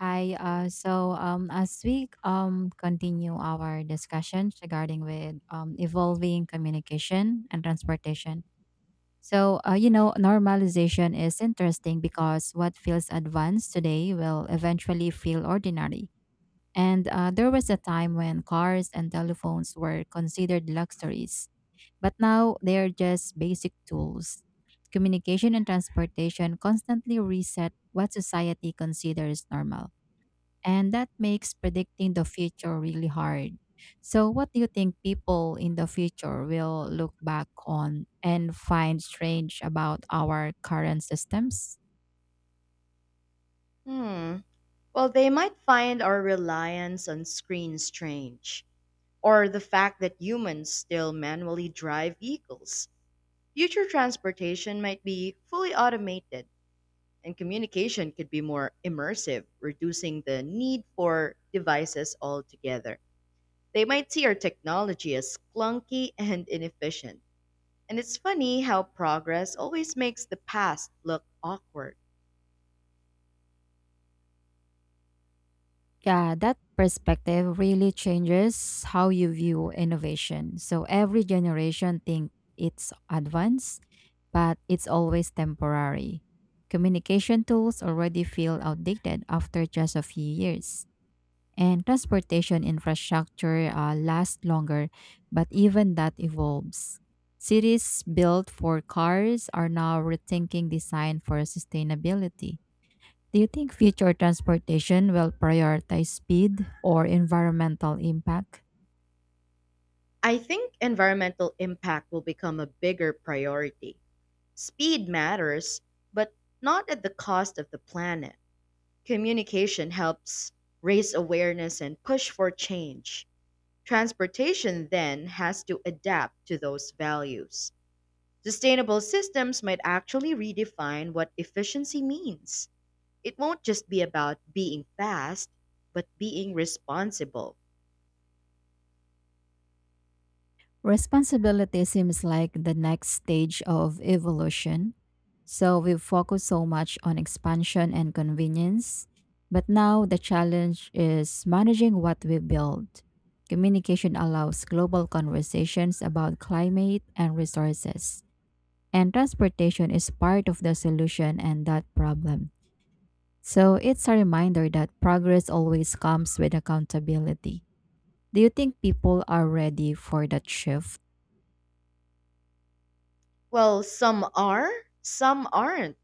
Hi. As we continue our discussions regarding with evolving communication and transportation, you know normalization is interesting because what feels advanced today will eventually feel ordinary. And there was a time when cars and telephones were considered luxuries, but now they are just basic tools. Communication and transportation constantly reset what society considers normal and that makes predicting the future really hard. So, what do you think people in the future will look back on and find strange about our current systems? Hmm. Well, they might find our reliance on screens strange, or the fact that humans still manually drive vehicles. Future transportation might be fully automated, and communication could be more immersive, reducing the need for devices altogether. They might see our technology as clunky and inefficient. And it's funny how progress always makes the past look awkward. Yeah, that perspective really changes how you view innovation. So every generation thinks it's advanced, but it's always temporary. Communication tools already feel outdated after just a few years. And transportation infrastructure last longer, but even that evolves. Cities built for cars are now rethinking design for sustainability. Do you think future transportation will prioritize speed or environmental impact? I think environmental impact will become a bigger priority. Speed matters, but not at the cost of the planet. Communication helps raise awareness and push for change. Transportation then has to adapt to those values. Sustainable systems might actually redefine what efficiency means. It won't just be about being fast, but being responsible. Responsibility seems like the next stage of evolution. So we've focused so much on expansion and convenience, but now the challenge is managing what we build. Communication allows global conversations about climate and resources, and transportation is part of the solution and that problem. So it's a reminder that progress always comes with accountability. Do you think people are ready for that shift? Well, some are, some aren't.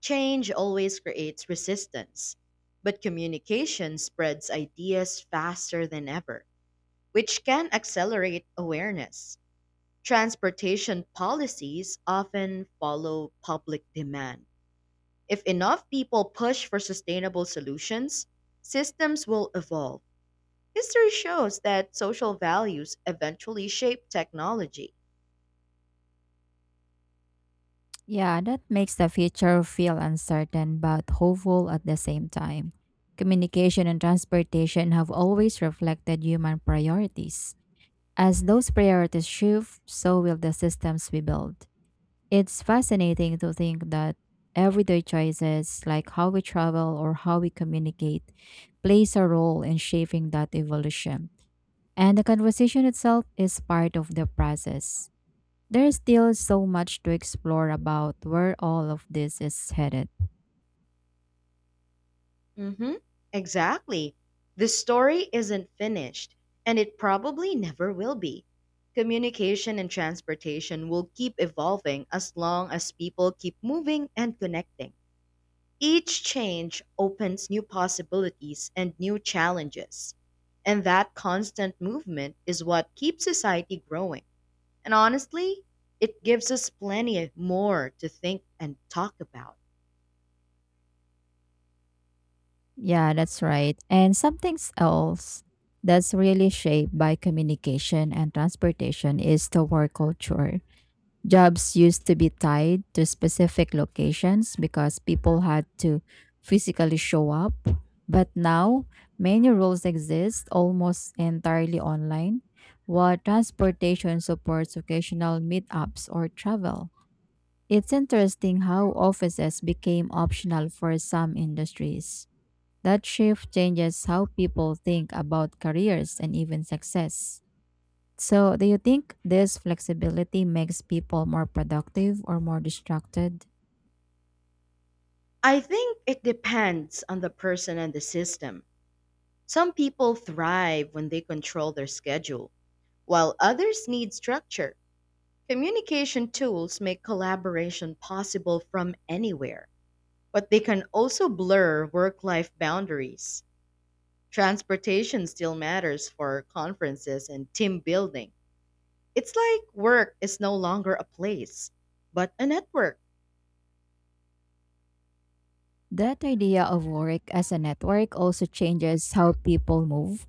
Change always creates resistance, but communication spreads ideas faster than ever, which can accelerate awareness. Transportation policies often follow public demand. If enough people push for sustainable solutions, systems will evolve. History shows that social values eventually shape technology. Yeah, that makes the future feel uncertain but hopeful at the same time. Communication and transportation have always reflected human priorities. As those priorities shift, so will the systems we build. It's fascinating to think that everyday choices, like how we travel or how we communicate, plays a role in shaping that evolution. And the conversation itself is part of the process. There's still so much to explore about where all of this is headed. Mm-hmm. Exactly. The story isn't finished, and it probably never will be. Communication and transportation will keep evolving as long as people keep moving and connecting. Each change opens new possibilities and new challenges. And that constant movement is what keeps society growing. And honestly, it gives us plenty more to think and talk about. Yeah, that's right. And something else that's really shaped by communication and transportation is the work culture. Jobs used to be tied to specific locations because people had to physically show up. But now, many roles exist almost entirely online, while transportation supports occasional meetups or travel. It's interesting how offices became optional for some industries. That shift changes how people think about careers and even success. So, do you think this flexibility makes people more productive or more distracted? I think it depends on the person and the system. Some people thrive when they control their schedule, while others need structure. Communication tools make collaboration possible from anywhere, but they can also blur work life boundaries. Transportation still matters for conferences and team building. It's like work is no longer a place, but a network. That idea of work as a network also changes how people move.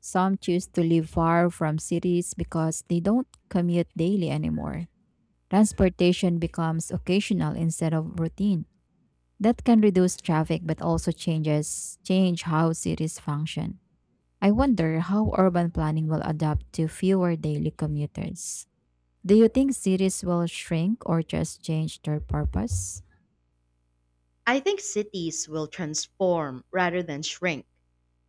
Some choose to live far from cities because they don't commute daily anymore. Transportation becomes occasional instead of routine. That can reduce traffic but also change how cities function. I wonder how urban planning will adapt to fewer daily commuters. Do you think cities will shrink or just change their purpose? I think cities will transform rather than shrink.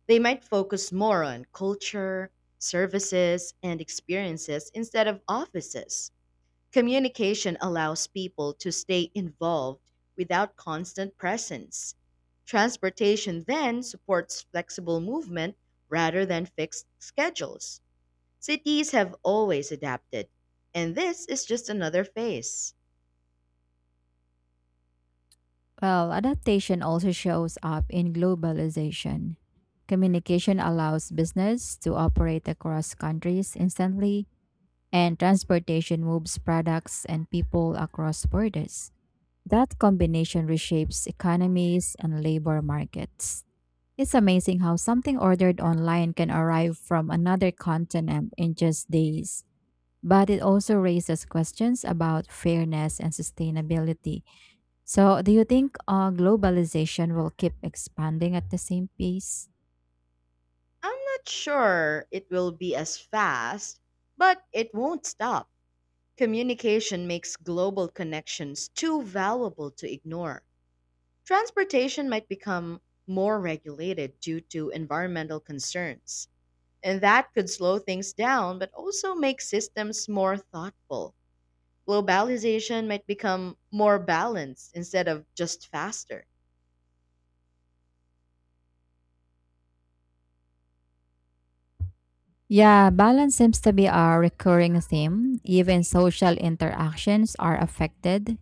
They might focus more on culture, services, and experiences instead of offices. Communication allows people to stay involved without constant presence. Transportation then supports flexible movement rather than fixed schedules. Cities have always adapted, and this is just another phase. Well, adaptation also shows up in globalization. Communication allows business to operate across countries instantly, and transportation moves products and people across borders. That combination reshapes economies and labor markets. It's amazing how something ordered online can arrive from another continent in just days. But it also raises questions about fairness and sustainability. So, do you think globalization will keep expanding at the same pace? I'm not sure it will be as fast, but it won't stop. Communication makes global connections too valuable to ignore. Transportation might become more regulated due to environmental concerns, and that could slow things down but also make systems more thoughtful. Globalization might become more balanced instead of just faster. Yeah, balance seems to be a recurring theme. Even social interactions are affected.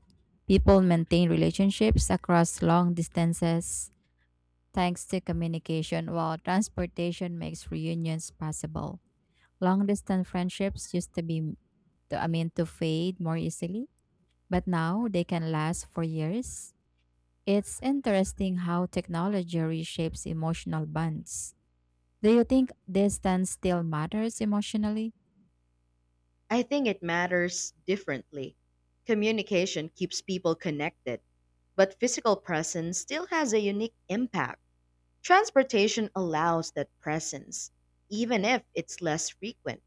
People maintain relationships across long distances thanks to communication, while transportation makes reunions possible. Long distance friendships used to be, to, I mean, to fade more easily, but now they can last for years. It's interesting how technology reshapes emotional bonds. Do you think distance still matters emotionally? I think it matters differently. Communication keeps people connected, but physical presence still has a unique impact. Transportation allows that presence, even if it's less frequent.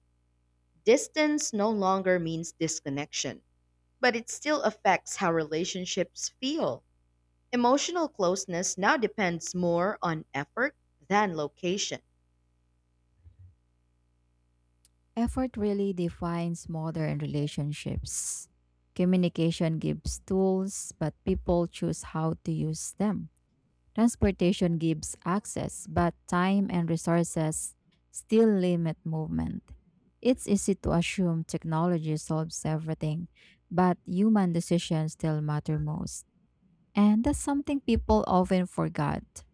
Distance no longer means disconnection, but it still affects how relationships feel. Emotional closeness now depends more on effort than location. Effort really defines modern relationships. Communication gives tools, but people choose how to use them. Transportation gives access, but time and resources still limit movement. It's easy to assume technology solves everything, but human decisions still matter most. And that's something people often forget.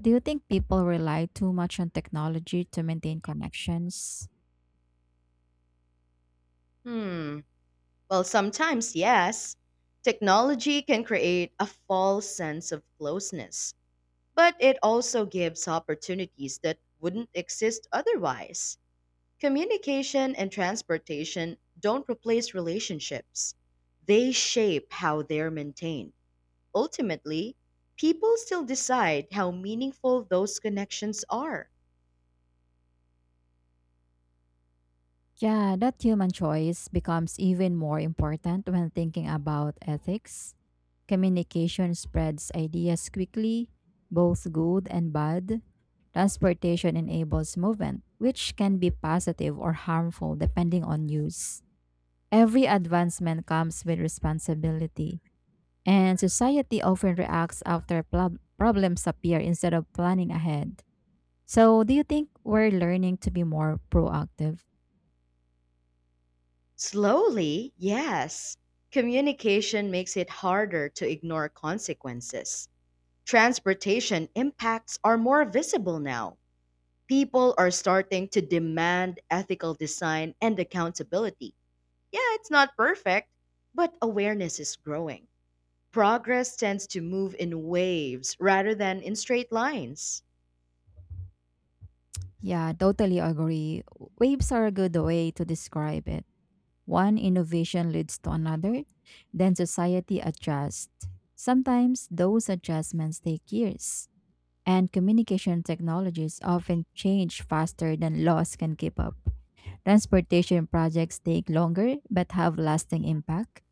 Do you think people rely too much on technology to maintain connections? Hmm, well, sometimes yes. Technology can create a false sense of closeness, but it also gives opportunities that wouldn't exist otherwise. Communication and transportation don't replace relationships, they shape how they're maintained. Ultimately, people still decide how meaningful those connections are. Yeah, that human choice becomes even more important when thinking about ethics. Communication spreads ideas quickly, both good and bad. Transportation enables movement, which can be positive or harmful depending on use. Every advancement comes with responsibility, and society often reacts after problems appear instead of planning ahead. So, do you think we're learning to be more proactive? Slowly, yes, communication makes it harder to ignore consequences. Transportation impacts are more visible now. People are starting to demand ethical design and accountability. Yeah, it's not perfect, but awareness is growing. Progress tends to move in waves rather than in straight lines. Yeah, totally agree. Waves are a good way to describe it. One innovation leads to another, then society adjusts. Sometimes those adjustments take years, and communication technologies often change faster than laws can keep up. Transportation projects take longer but have lasting impact,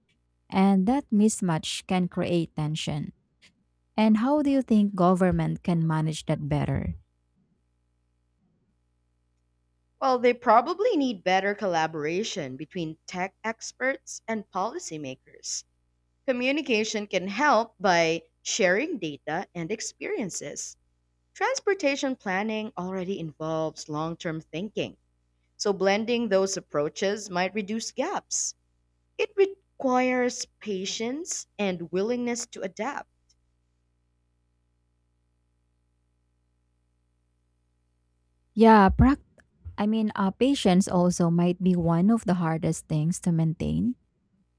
and that mismatch can create tension. And how do you think government can manage that better? Well, they probably need better collaboration between tech experts and policymakers. Communication can help by sharing data and experiences. Transportation planning already involves long term thinking, so blending those approaches might reduce gaps. It requires patience and willingness to adapt. Yeah, prac Patience also might be one of the hardest things to maintain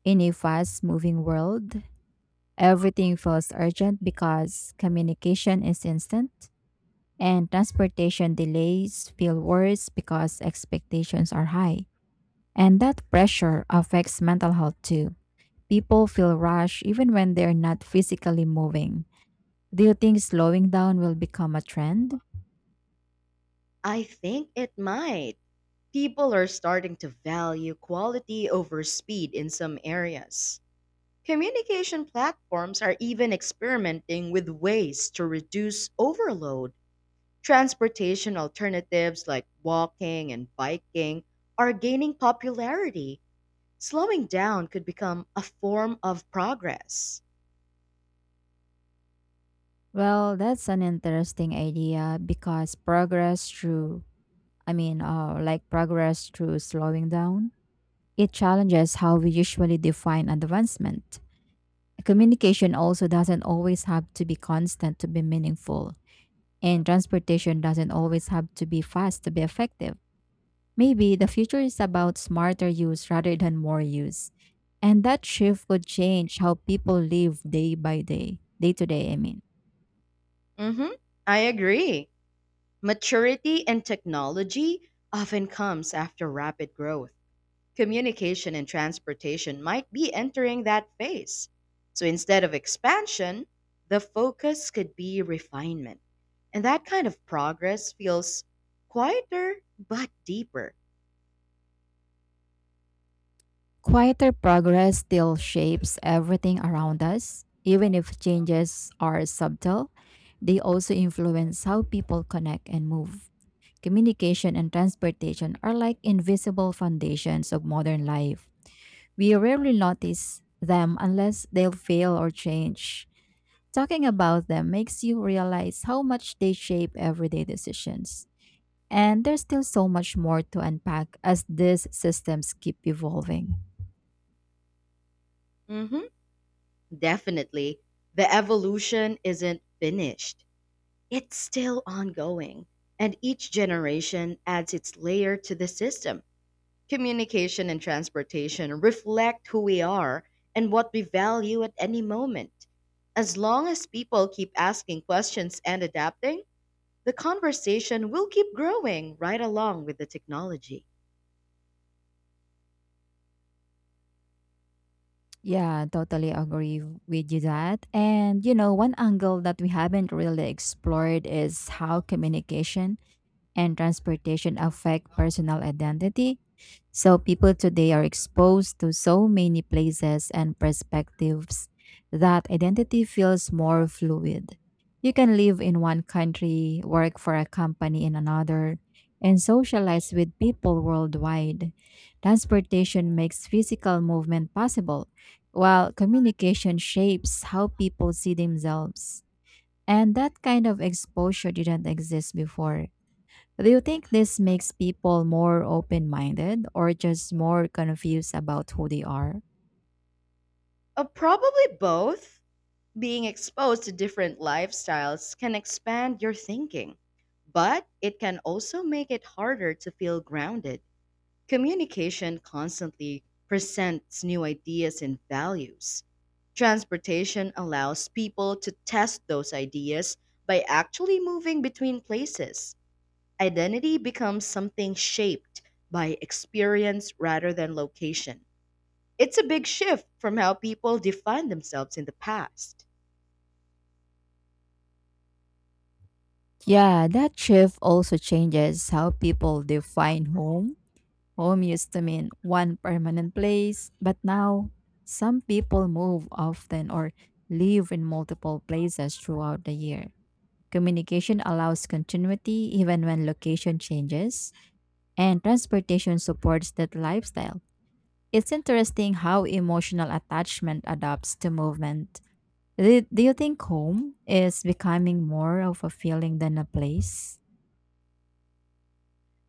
in a fast moving world. Everything feels urgent because communication is instant, and transportation delays feel worse because expectations are high. And that pressure affects mental health too. People feel rushed even when they're not physically moving. Do you think slowing down will become a trend? I think it might. People are starting to value quality over speed in some areas. Communication platforms are even experimenting with ways to reduce overload. Transportation alternatives like walking and biking are gaining popularity. Slowing down could become a form of progress. Well, that's an interesting idea because progress through, I mean, like progress through slowing down, it challenges how we usually define advancement. Communication also doesn't always have to be constant to be meaningful, and transportation doesn't always have to be fast to be effective. Maybe the future is about smarter use rather than more use. And that shift could change how people live day to day. Mhm. I agree. Maturity in technology often comes after rapid growth. Communication and transportation might be entering that phase. So instead of expansion, the focus could be refinement. And that kind of progress feels quieter but deeper. Quieter progress still shapes everything around us. Even if changes are subtle, they also influence how people connect and move. Communication and transportation are like invisible foundations of modern life. We rarely notice them unless they'll fail or change. Talking about them makes you realize how much they shape everyday decisions. And there's still so much more to unpack as these systems keep evolving. Mhm, definitely. The evolution isn't finished, it's still ongoing. And each generation adds its layer to the system. Communication and transportation reflect who we are and what we value at any moment. As long as people keep asking questions and adapting, the conversation will keep growing right along with the technology. Yeah, totally agree with you that. And you know, one angle that we haven't really explored is how communication and transportation affect personal identity. So people today are exposed to so many places and perspectives that identity feels more fluid. You can live in one country, work for a company in another, and socialize with people worldwide. Transportation makes physical movement possible, while communication shapes how people see themselves. And that kind of exposure didn't exist before. Do you think this makes people more open minded or just more confused about who they are? Probably both. Being exposed to different lifestyles can expand your thinking, but it can also make it harder to feel grounded. Communication constantly presents new ideas and values. Transportation allows people to test those ideas by actually moving between places. Identity becomes something shaped by experience rather than location. It's a big shift from how people defined themselves in the past. Yeah, that shift also changes how people define home. Home used to mean one permanent place, but now some people move often or live in multiple places throughout the year. Communication allows continuity even when location changes, and transportation supports that lifestyle. It's interesting how emotional attachment adapts to movement. Do you think home is becoming more of a feeling than a place?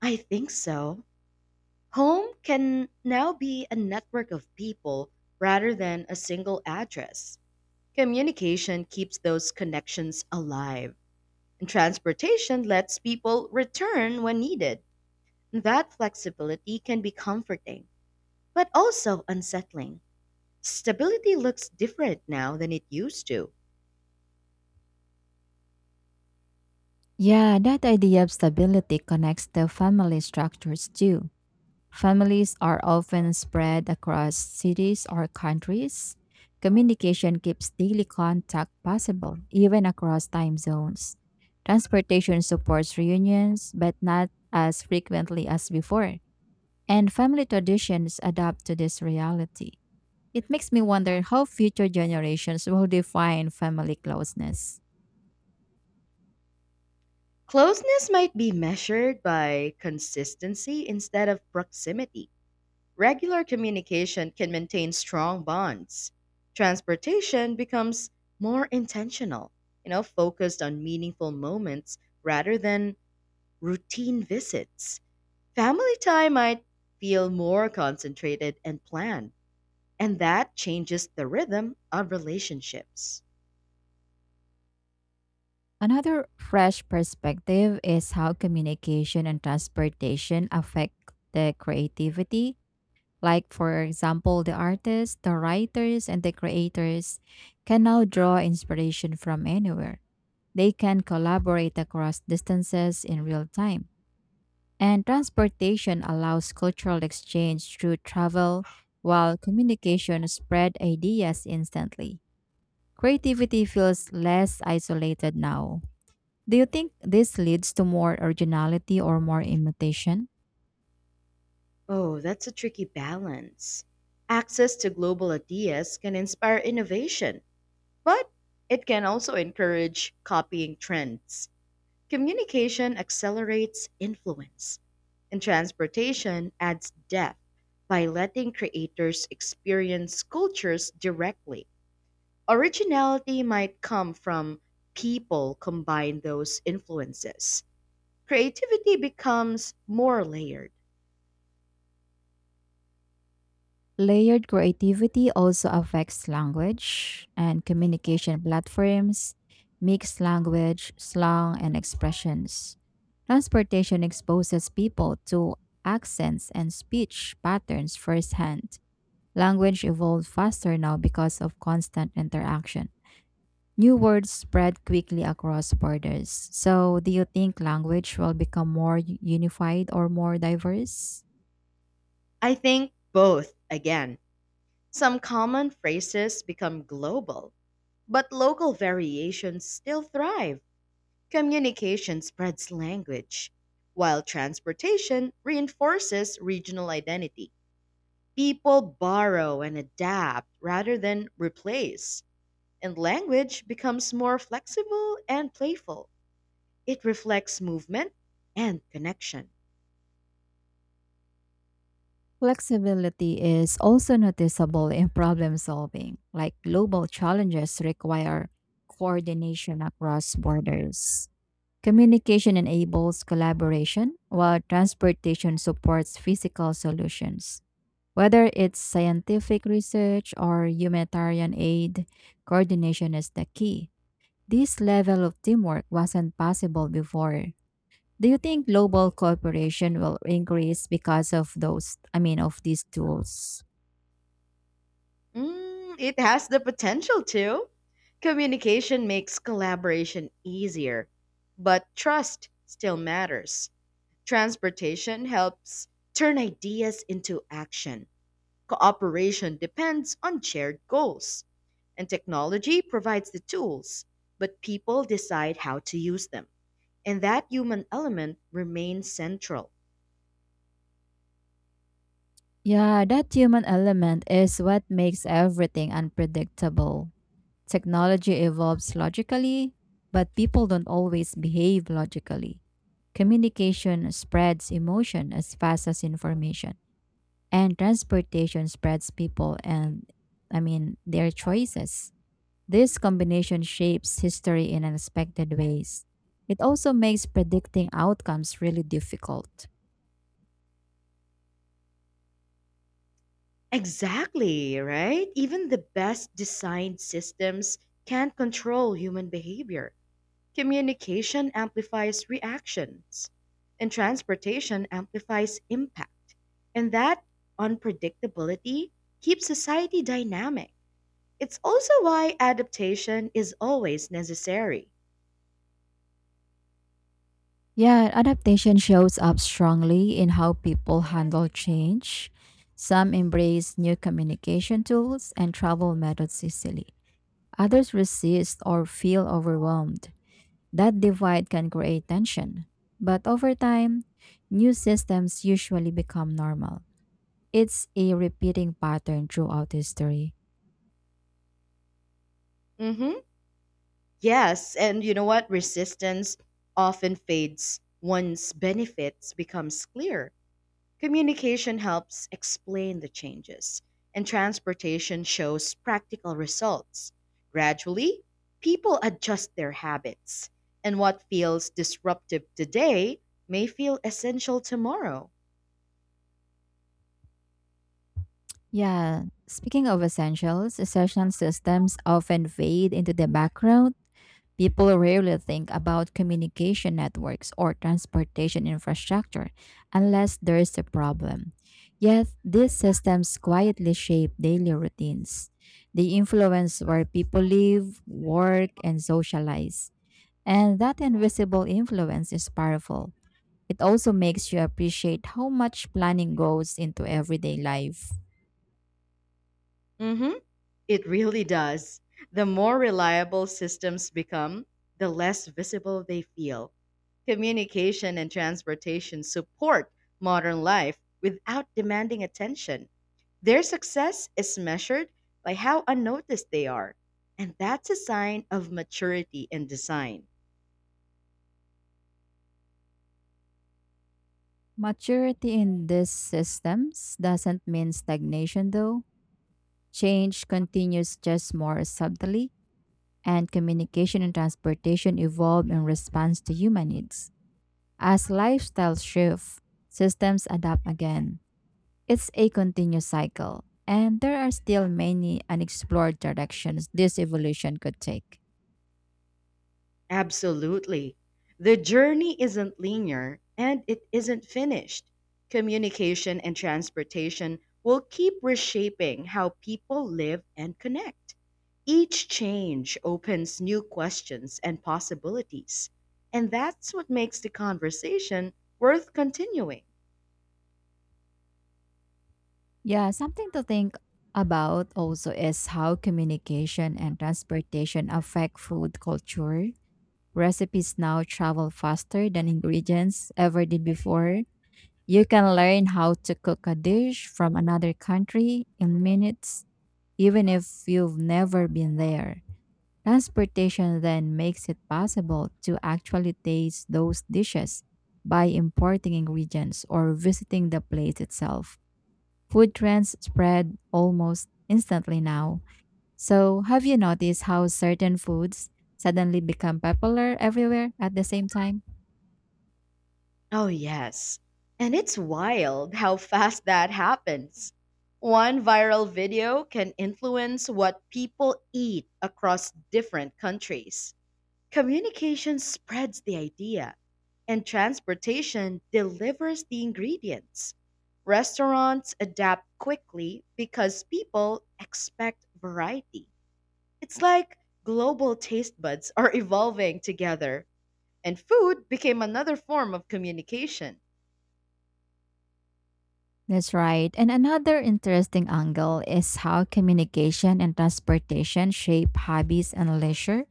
I think so. Home can now be a network of people rather than a single address. Communication keeps those connections alive, and transportation lets people return when needed. That flexibility can be comforting, but also unsettling. Stability looks different now than it used to. Yeah, that idea of stability connects to family structures too. Families are often spread across cities or countries. Communication keeps daily contact possible, even across time zones. Transportation supports reunions, but not as frequently as before. And family traditions adapt to this reality. It makes me wonder how future generations will define family closeness. Closeness might be measured by consistency instead of proximity. Regular communication can maintain strong bonds. Transportation becomes more intentional, focused on meaningful moments rather than routine visits. Family time might feel more concentrated and planned, and that changes the rhythm of relationships. Another fresh perspective is how communication and transportation affect the creativity. Like, for example, the artists, the writers, and the creators can now draw inspiration from anywhere. They can collaborate across distances in real time. And transportation allows cultural exchange through travel, while communication spread ideas instantly. Creativity feels less isolated now. Do you think this leads to more originality or more imitation? Oh, that's a tricky balance. Access to global ideas can inspire innovation, but it can also encourage copying trends. Communication accelerates influence, and transportation adds depth by letting creators experience cultures directly. Originality might come from people combine those influences. Creativity becomes more layered. Layered creativity also affects language and communication platforms, mixed language, slang, and expressions. Transportation exposes people to accents and speech patterns firsthand. Language evolved faster now because of constant interaction. New words spread quickly across borders. So, do you think language will become more unified or more diverse? I think both, again. Some common phrases become global, but local variations still thrive. Communication spreads language, while transportation reinforces regional identity. People borrow and adapt rather than replace, and language becomes more flexible and playful. It reflects movement and connection. Flexibility is also noticeable in problem solving, like global challenges require coordination across borders. Communication enables collaboration, while transportation supports physical solutions. Whether it's scientific research or humanitarian aid, coordination is the key. This level of teamwork wasn't possible before. Do you think global cooperation will increase because of of these tools? It has the potential to. Communication makes collaboration easier, but trust still matters. Transportation helps turn ideas into action. Cooperation depends on shared goals, and technology provides the tools, but people decide how to use them. And that human element remains central. Yeah, that human element is what makes everything unpredictable. Technology evolves logically, but people don't always behave logically. Communication spreads emotion as fast as information. And transportation spreads people and their choices. This combination shapes history in unexpected ways. It also makes predicting outcomes really difficult. Exactly, right? Even the best designed systems can't control human behavior. Communication amplifies reactions, and transportation amplifies impact. And that unpredictability keeps society dynamic. It's also why adaptation is always necessary. Yeah, adaptation shows up strongly in how people handle change. Some embrace new communication tools and travel methods easily. Others resist or feel overwhelmed. That divide can create tension, but over time, new systems usually become normal. It's a repeating pattern throughout history. Hmm. Yes, and you know what? Resistance often fades once benefits becomes clear. Communication helps explain the changes, and transportation shows practical results. Gradually, people adjust their habits, and what feels disruptive today may feel essential tomorrow. Yeah, speaking of essentials, essential systems often fade into the background. People rarely think about communication networks or transportation infrastructure unless there is a problem. Yet, these systems quietly shape daily routines. They influence where people live, work, and socialize. And that invisible influence is powerful. It also makes you appreciate how much planning goes into everyday life. Hmm. It really does. The more reliable systems become, the less visible they feel. Communication and transportation support modern life without demanding attention. Their success is measured by how unnoticed they are. And that's a sign of maturity in design. Maturity in these systems doesn't mean stagnation, though. Change continues just more subtly, and communication and transportation evolve in response to human needs. As lifestyles shift, systems adapt again. It's a continuous cycle, and there are still many unexplored directions this evolution could take. Absolutely. The journey isn't linear and it isn't finished. Communication and transportation will keep reshaping how people live and connect. Each change opens new questions and possibilities. And that's what makes the conversation worth continuing. Yeah, something to think about also is how communication and transportation affect food culture. Recipes now travel faster than ingredients ever did before. You can learn how to cook a dish from another country in minutes, even if you've never been there. Transportation then makes it possible to actually taste those dishes by importing ingredients or visiting the place itself. Food trends spread almost instantly now. So, have you noticed how certain foods suddenly become popular everywhere at the same time? Oh, yes. And it's wild how fast that happens. One viral video can influence what people eat across different countries. Communication spreads the idea, and transportation delivers the ingredients. Restaurants adapt quickly because people expect variety. It's like global taste buds are evolving together, and food became another form of communication. That's right. And another interesting angle is how communication and transportation shape hobbies and leisure.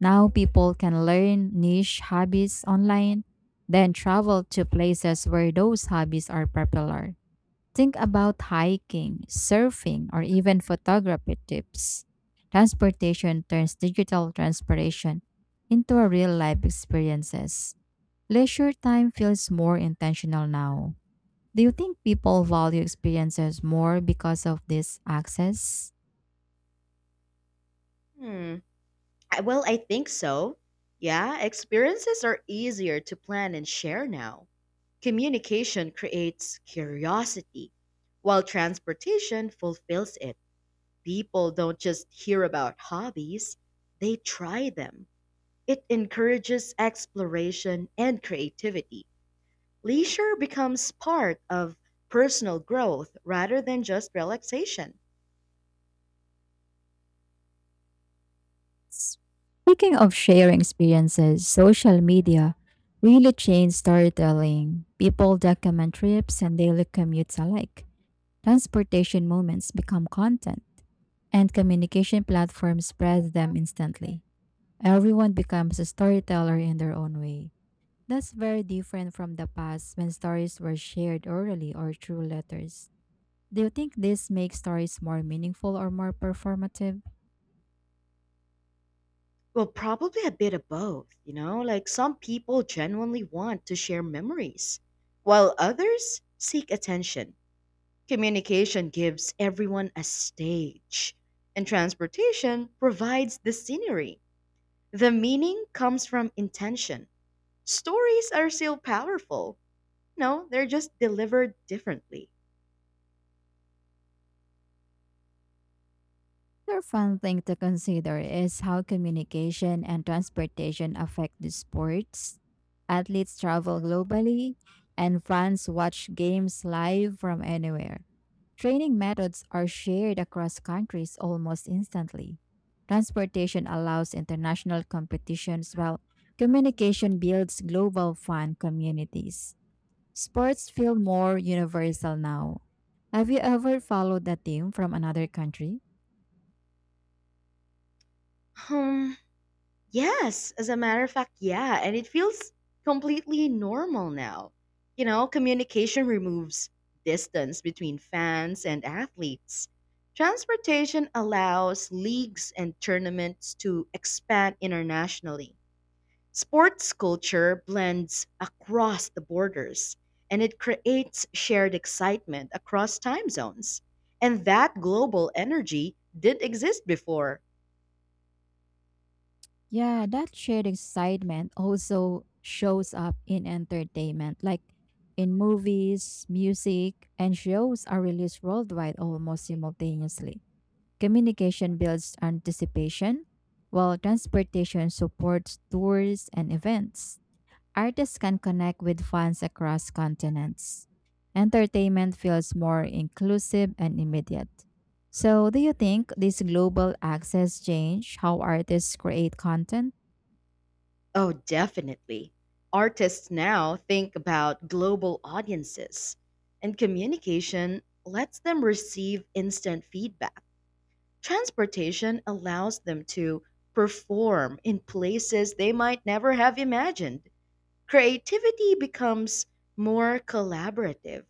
Now people can learn niche hobbies online, then travel to places where those hobbies are popular. Think about hiking, surfing, or even photography tips. Transportation turns digital transportation into a real life experiences. Leisure time feels more intentional now. Do you think people value experiences more because of this access? Hmm. Well, I think so. Yeah, experiences are easier to plan and share now. Communication creates curiosity, while transportation fulfills it. People don't just hear about hobbies, they try them. It encourages exploration and creativity. Leisure becomes part of personal growth rather than just relaxation. Speaking of sharing experiences, social media really changed storytelling. People document trips and daily commutes alike. Transportation moments become content, and communication platforms spread them instantly. Everyone becomes a storyteller in their own way. That's very different from the past when stories were shared orally or through letters. Do you think this makes stories more meaningful or more performative? Well, probably a bit of both, you know? Like some people genuinely want to share memories, while others seek attention. Communication gives everyone a stage, and transportation provides the scenery. The meaning comes from intention. Stories are still powerful. No, they're just delivered differently. Another fun thing to consider is how communication and transportation affect the sports. Athletes travel globally, and fans watch games live from anywhere. Training methods are shared across countries almost instantly. Transportation allows international competitions while communication builds global fan communities. Sports feel more universal now. Have you ever followed a team from another country? Hmm. Yes, as a matter of fact, yeah. And it feels completely normal now. Communication removes distance between fans and athletes. Transportation allows leagues and tournaments to expand internationally. Sports culture blends across the borders and it creates shared excitement across time zones. And that global energy did exist before. Yeah, that shared excitement also shows up in entertainment, like in movies, music, and shows are released worldwide almost simultaneously. Communication builds anticipation, while transportation supports tours and events. Artists can connect with fans across continents. Entertainment feels more inclusive and immediate. So, do you think this global access change how artists create content? Oh, definitely. Artists now think about global audiences, and communication lets them receive instant feedback. Transportation allows them to perform in places they might never have imagined. Creativity becomes more collaborative,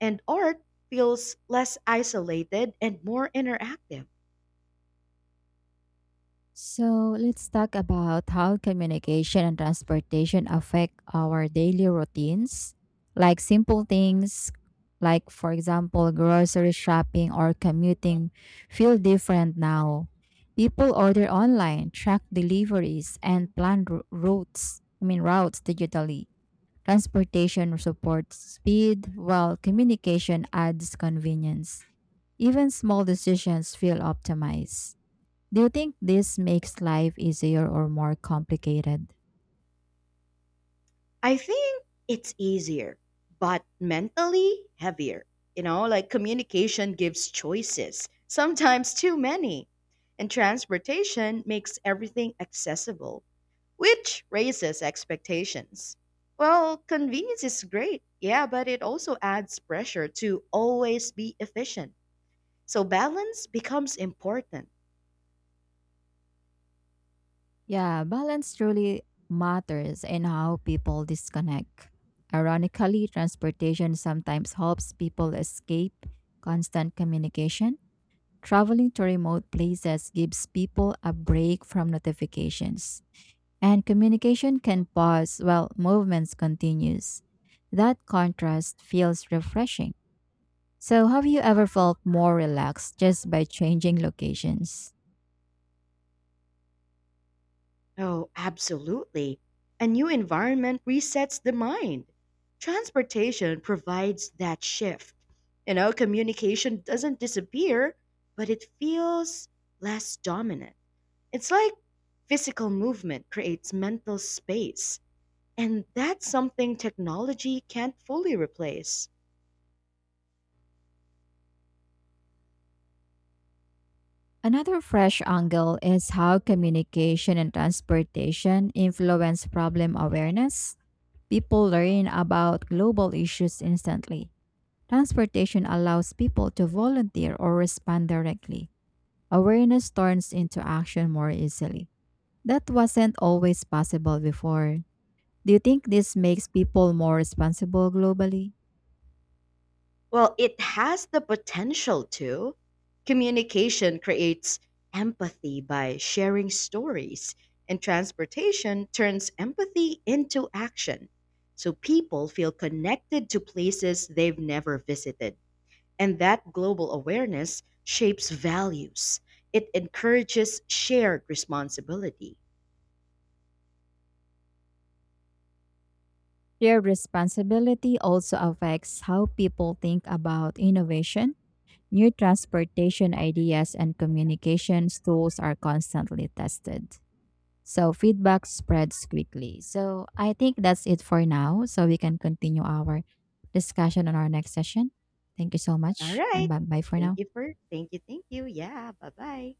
and art feels less isolated and more interactive. So let's talk about how communication and transportation affect our daily routines, like simple things like for example grocery shopping or commuting feel different now. People order online, track deliveries and plan routes, I mean routes digitally. Transportation supports speed while communication adds convenience. Even small decisions feel optimized. Do you think this makes life easier or more complicated? I think it's easier, but mentally heavier. Like communication gives choices, sometimes too many. And transportation makes everything accessible, which raises expectations. Well, convenience is great, yeah, but it also adds pressure to always be efficient. So balance becomes important. Yeah, balance truly matters in how people disconnect. Ironically, transportation sometimes helps people escape constant communication. Traveling to remote places gives people a break from notifications, and communication can pause while movements continues. That contrast feels refreshing. So, have you ever felt more relaxed just by changing locations? Oh, absolutely. A new environment resets the mind. Transportation provides that shift. Communication doesn't disappear, but it feels less dominant. It's like physical movement creates mental space, and that's something technology can't fully replace. Another fresh angle is how communication and transportation influence problem awareness. People learn about global issues instantly. Transportation allows people to volunteer or respond directly. Awareness turns into action more easily. That wasn't always possible before. Do you think this makes people more responsible globally? Well, it has the potential to. Communication creates empathy by sharing stories, and transportation turns empathy into action. So people feel connected to places they've never visited. And that global awareness shapes values, it encourages shared responsibility. Their responsibility also affects how people think about innovation. New transportation ideas and communications tools are constantly tested. So feedback spreads quickly. So I think that's it for now. So we can continue our discussion on our next session. Thank you so All much and right. bye bye for now. Thank you, thank you. Yeah, bye bye.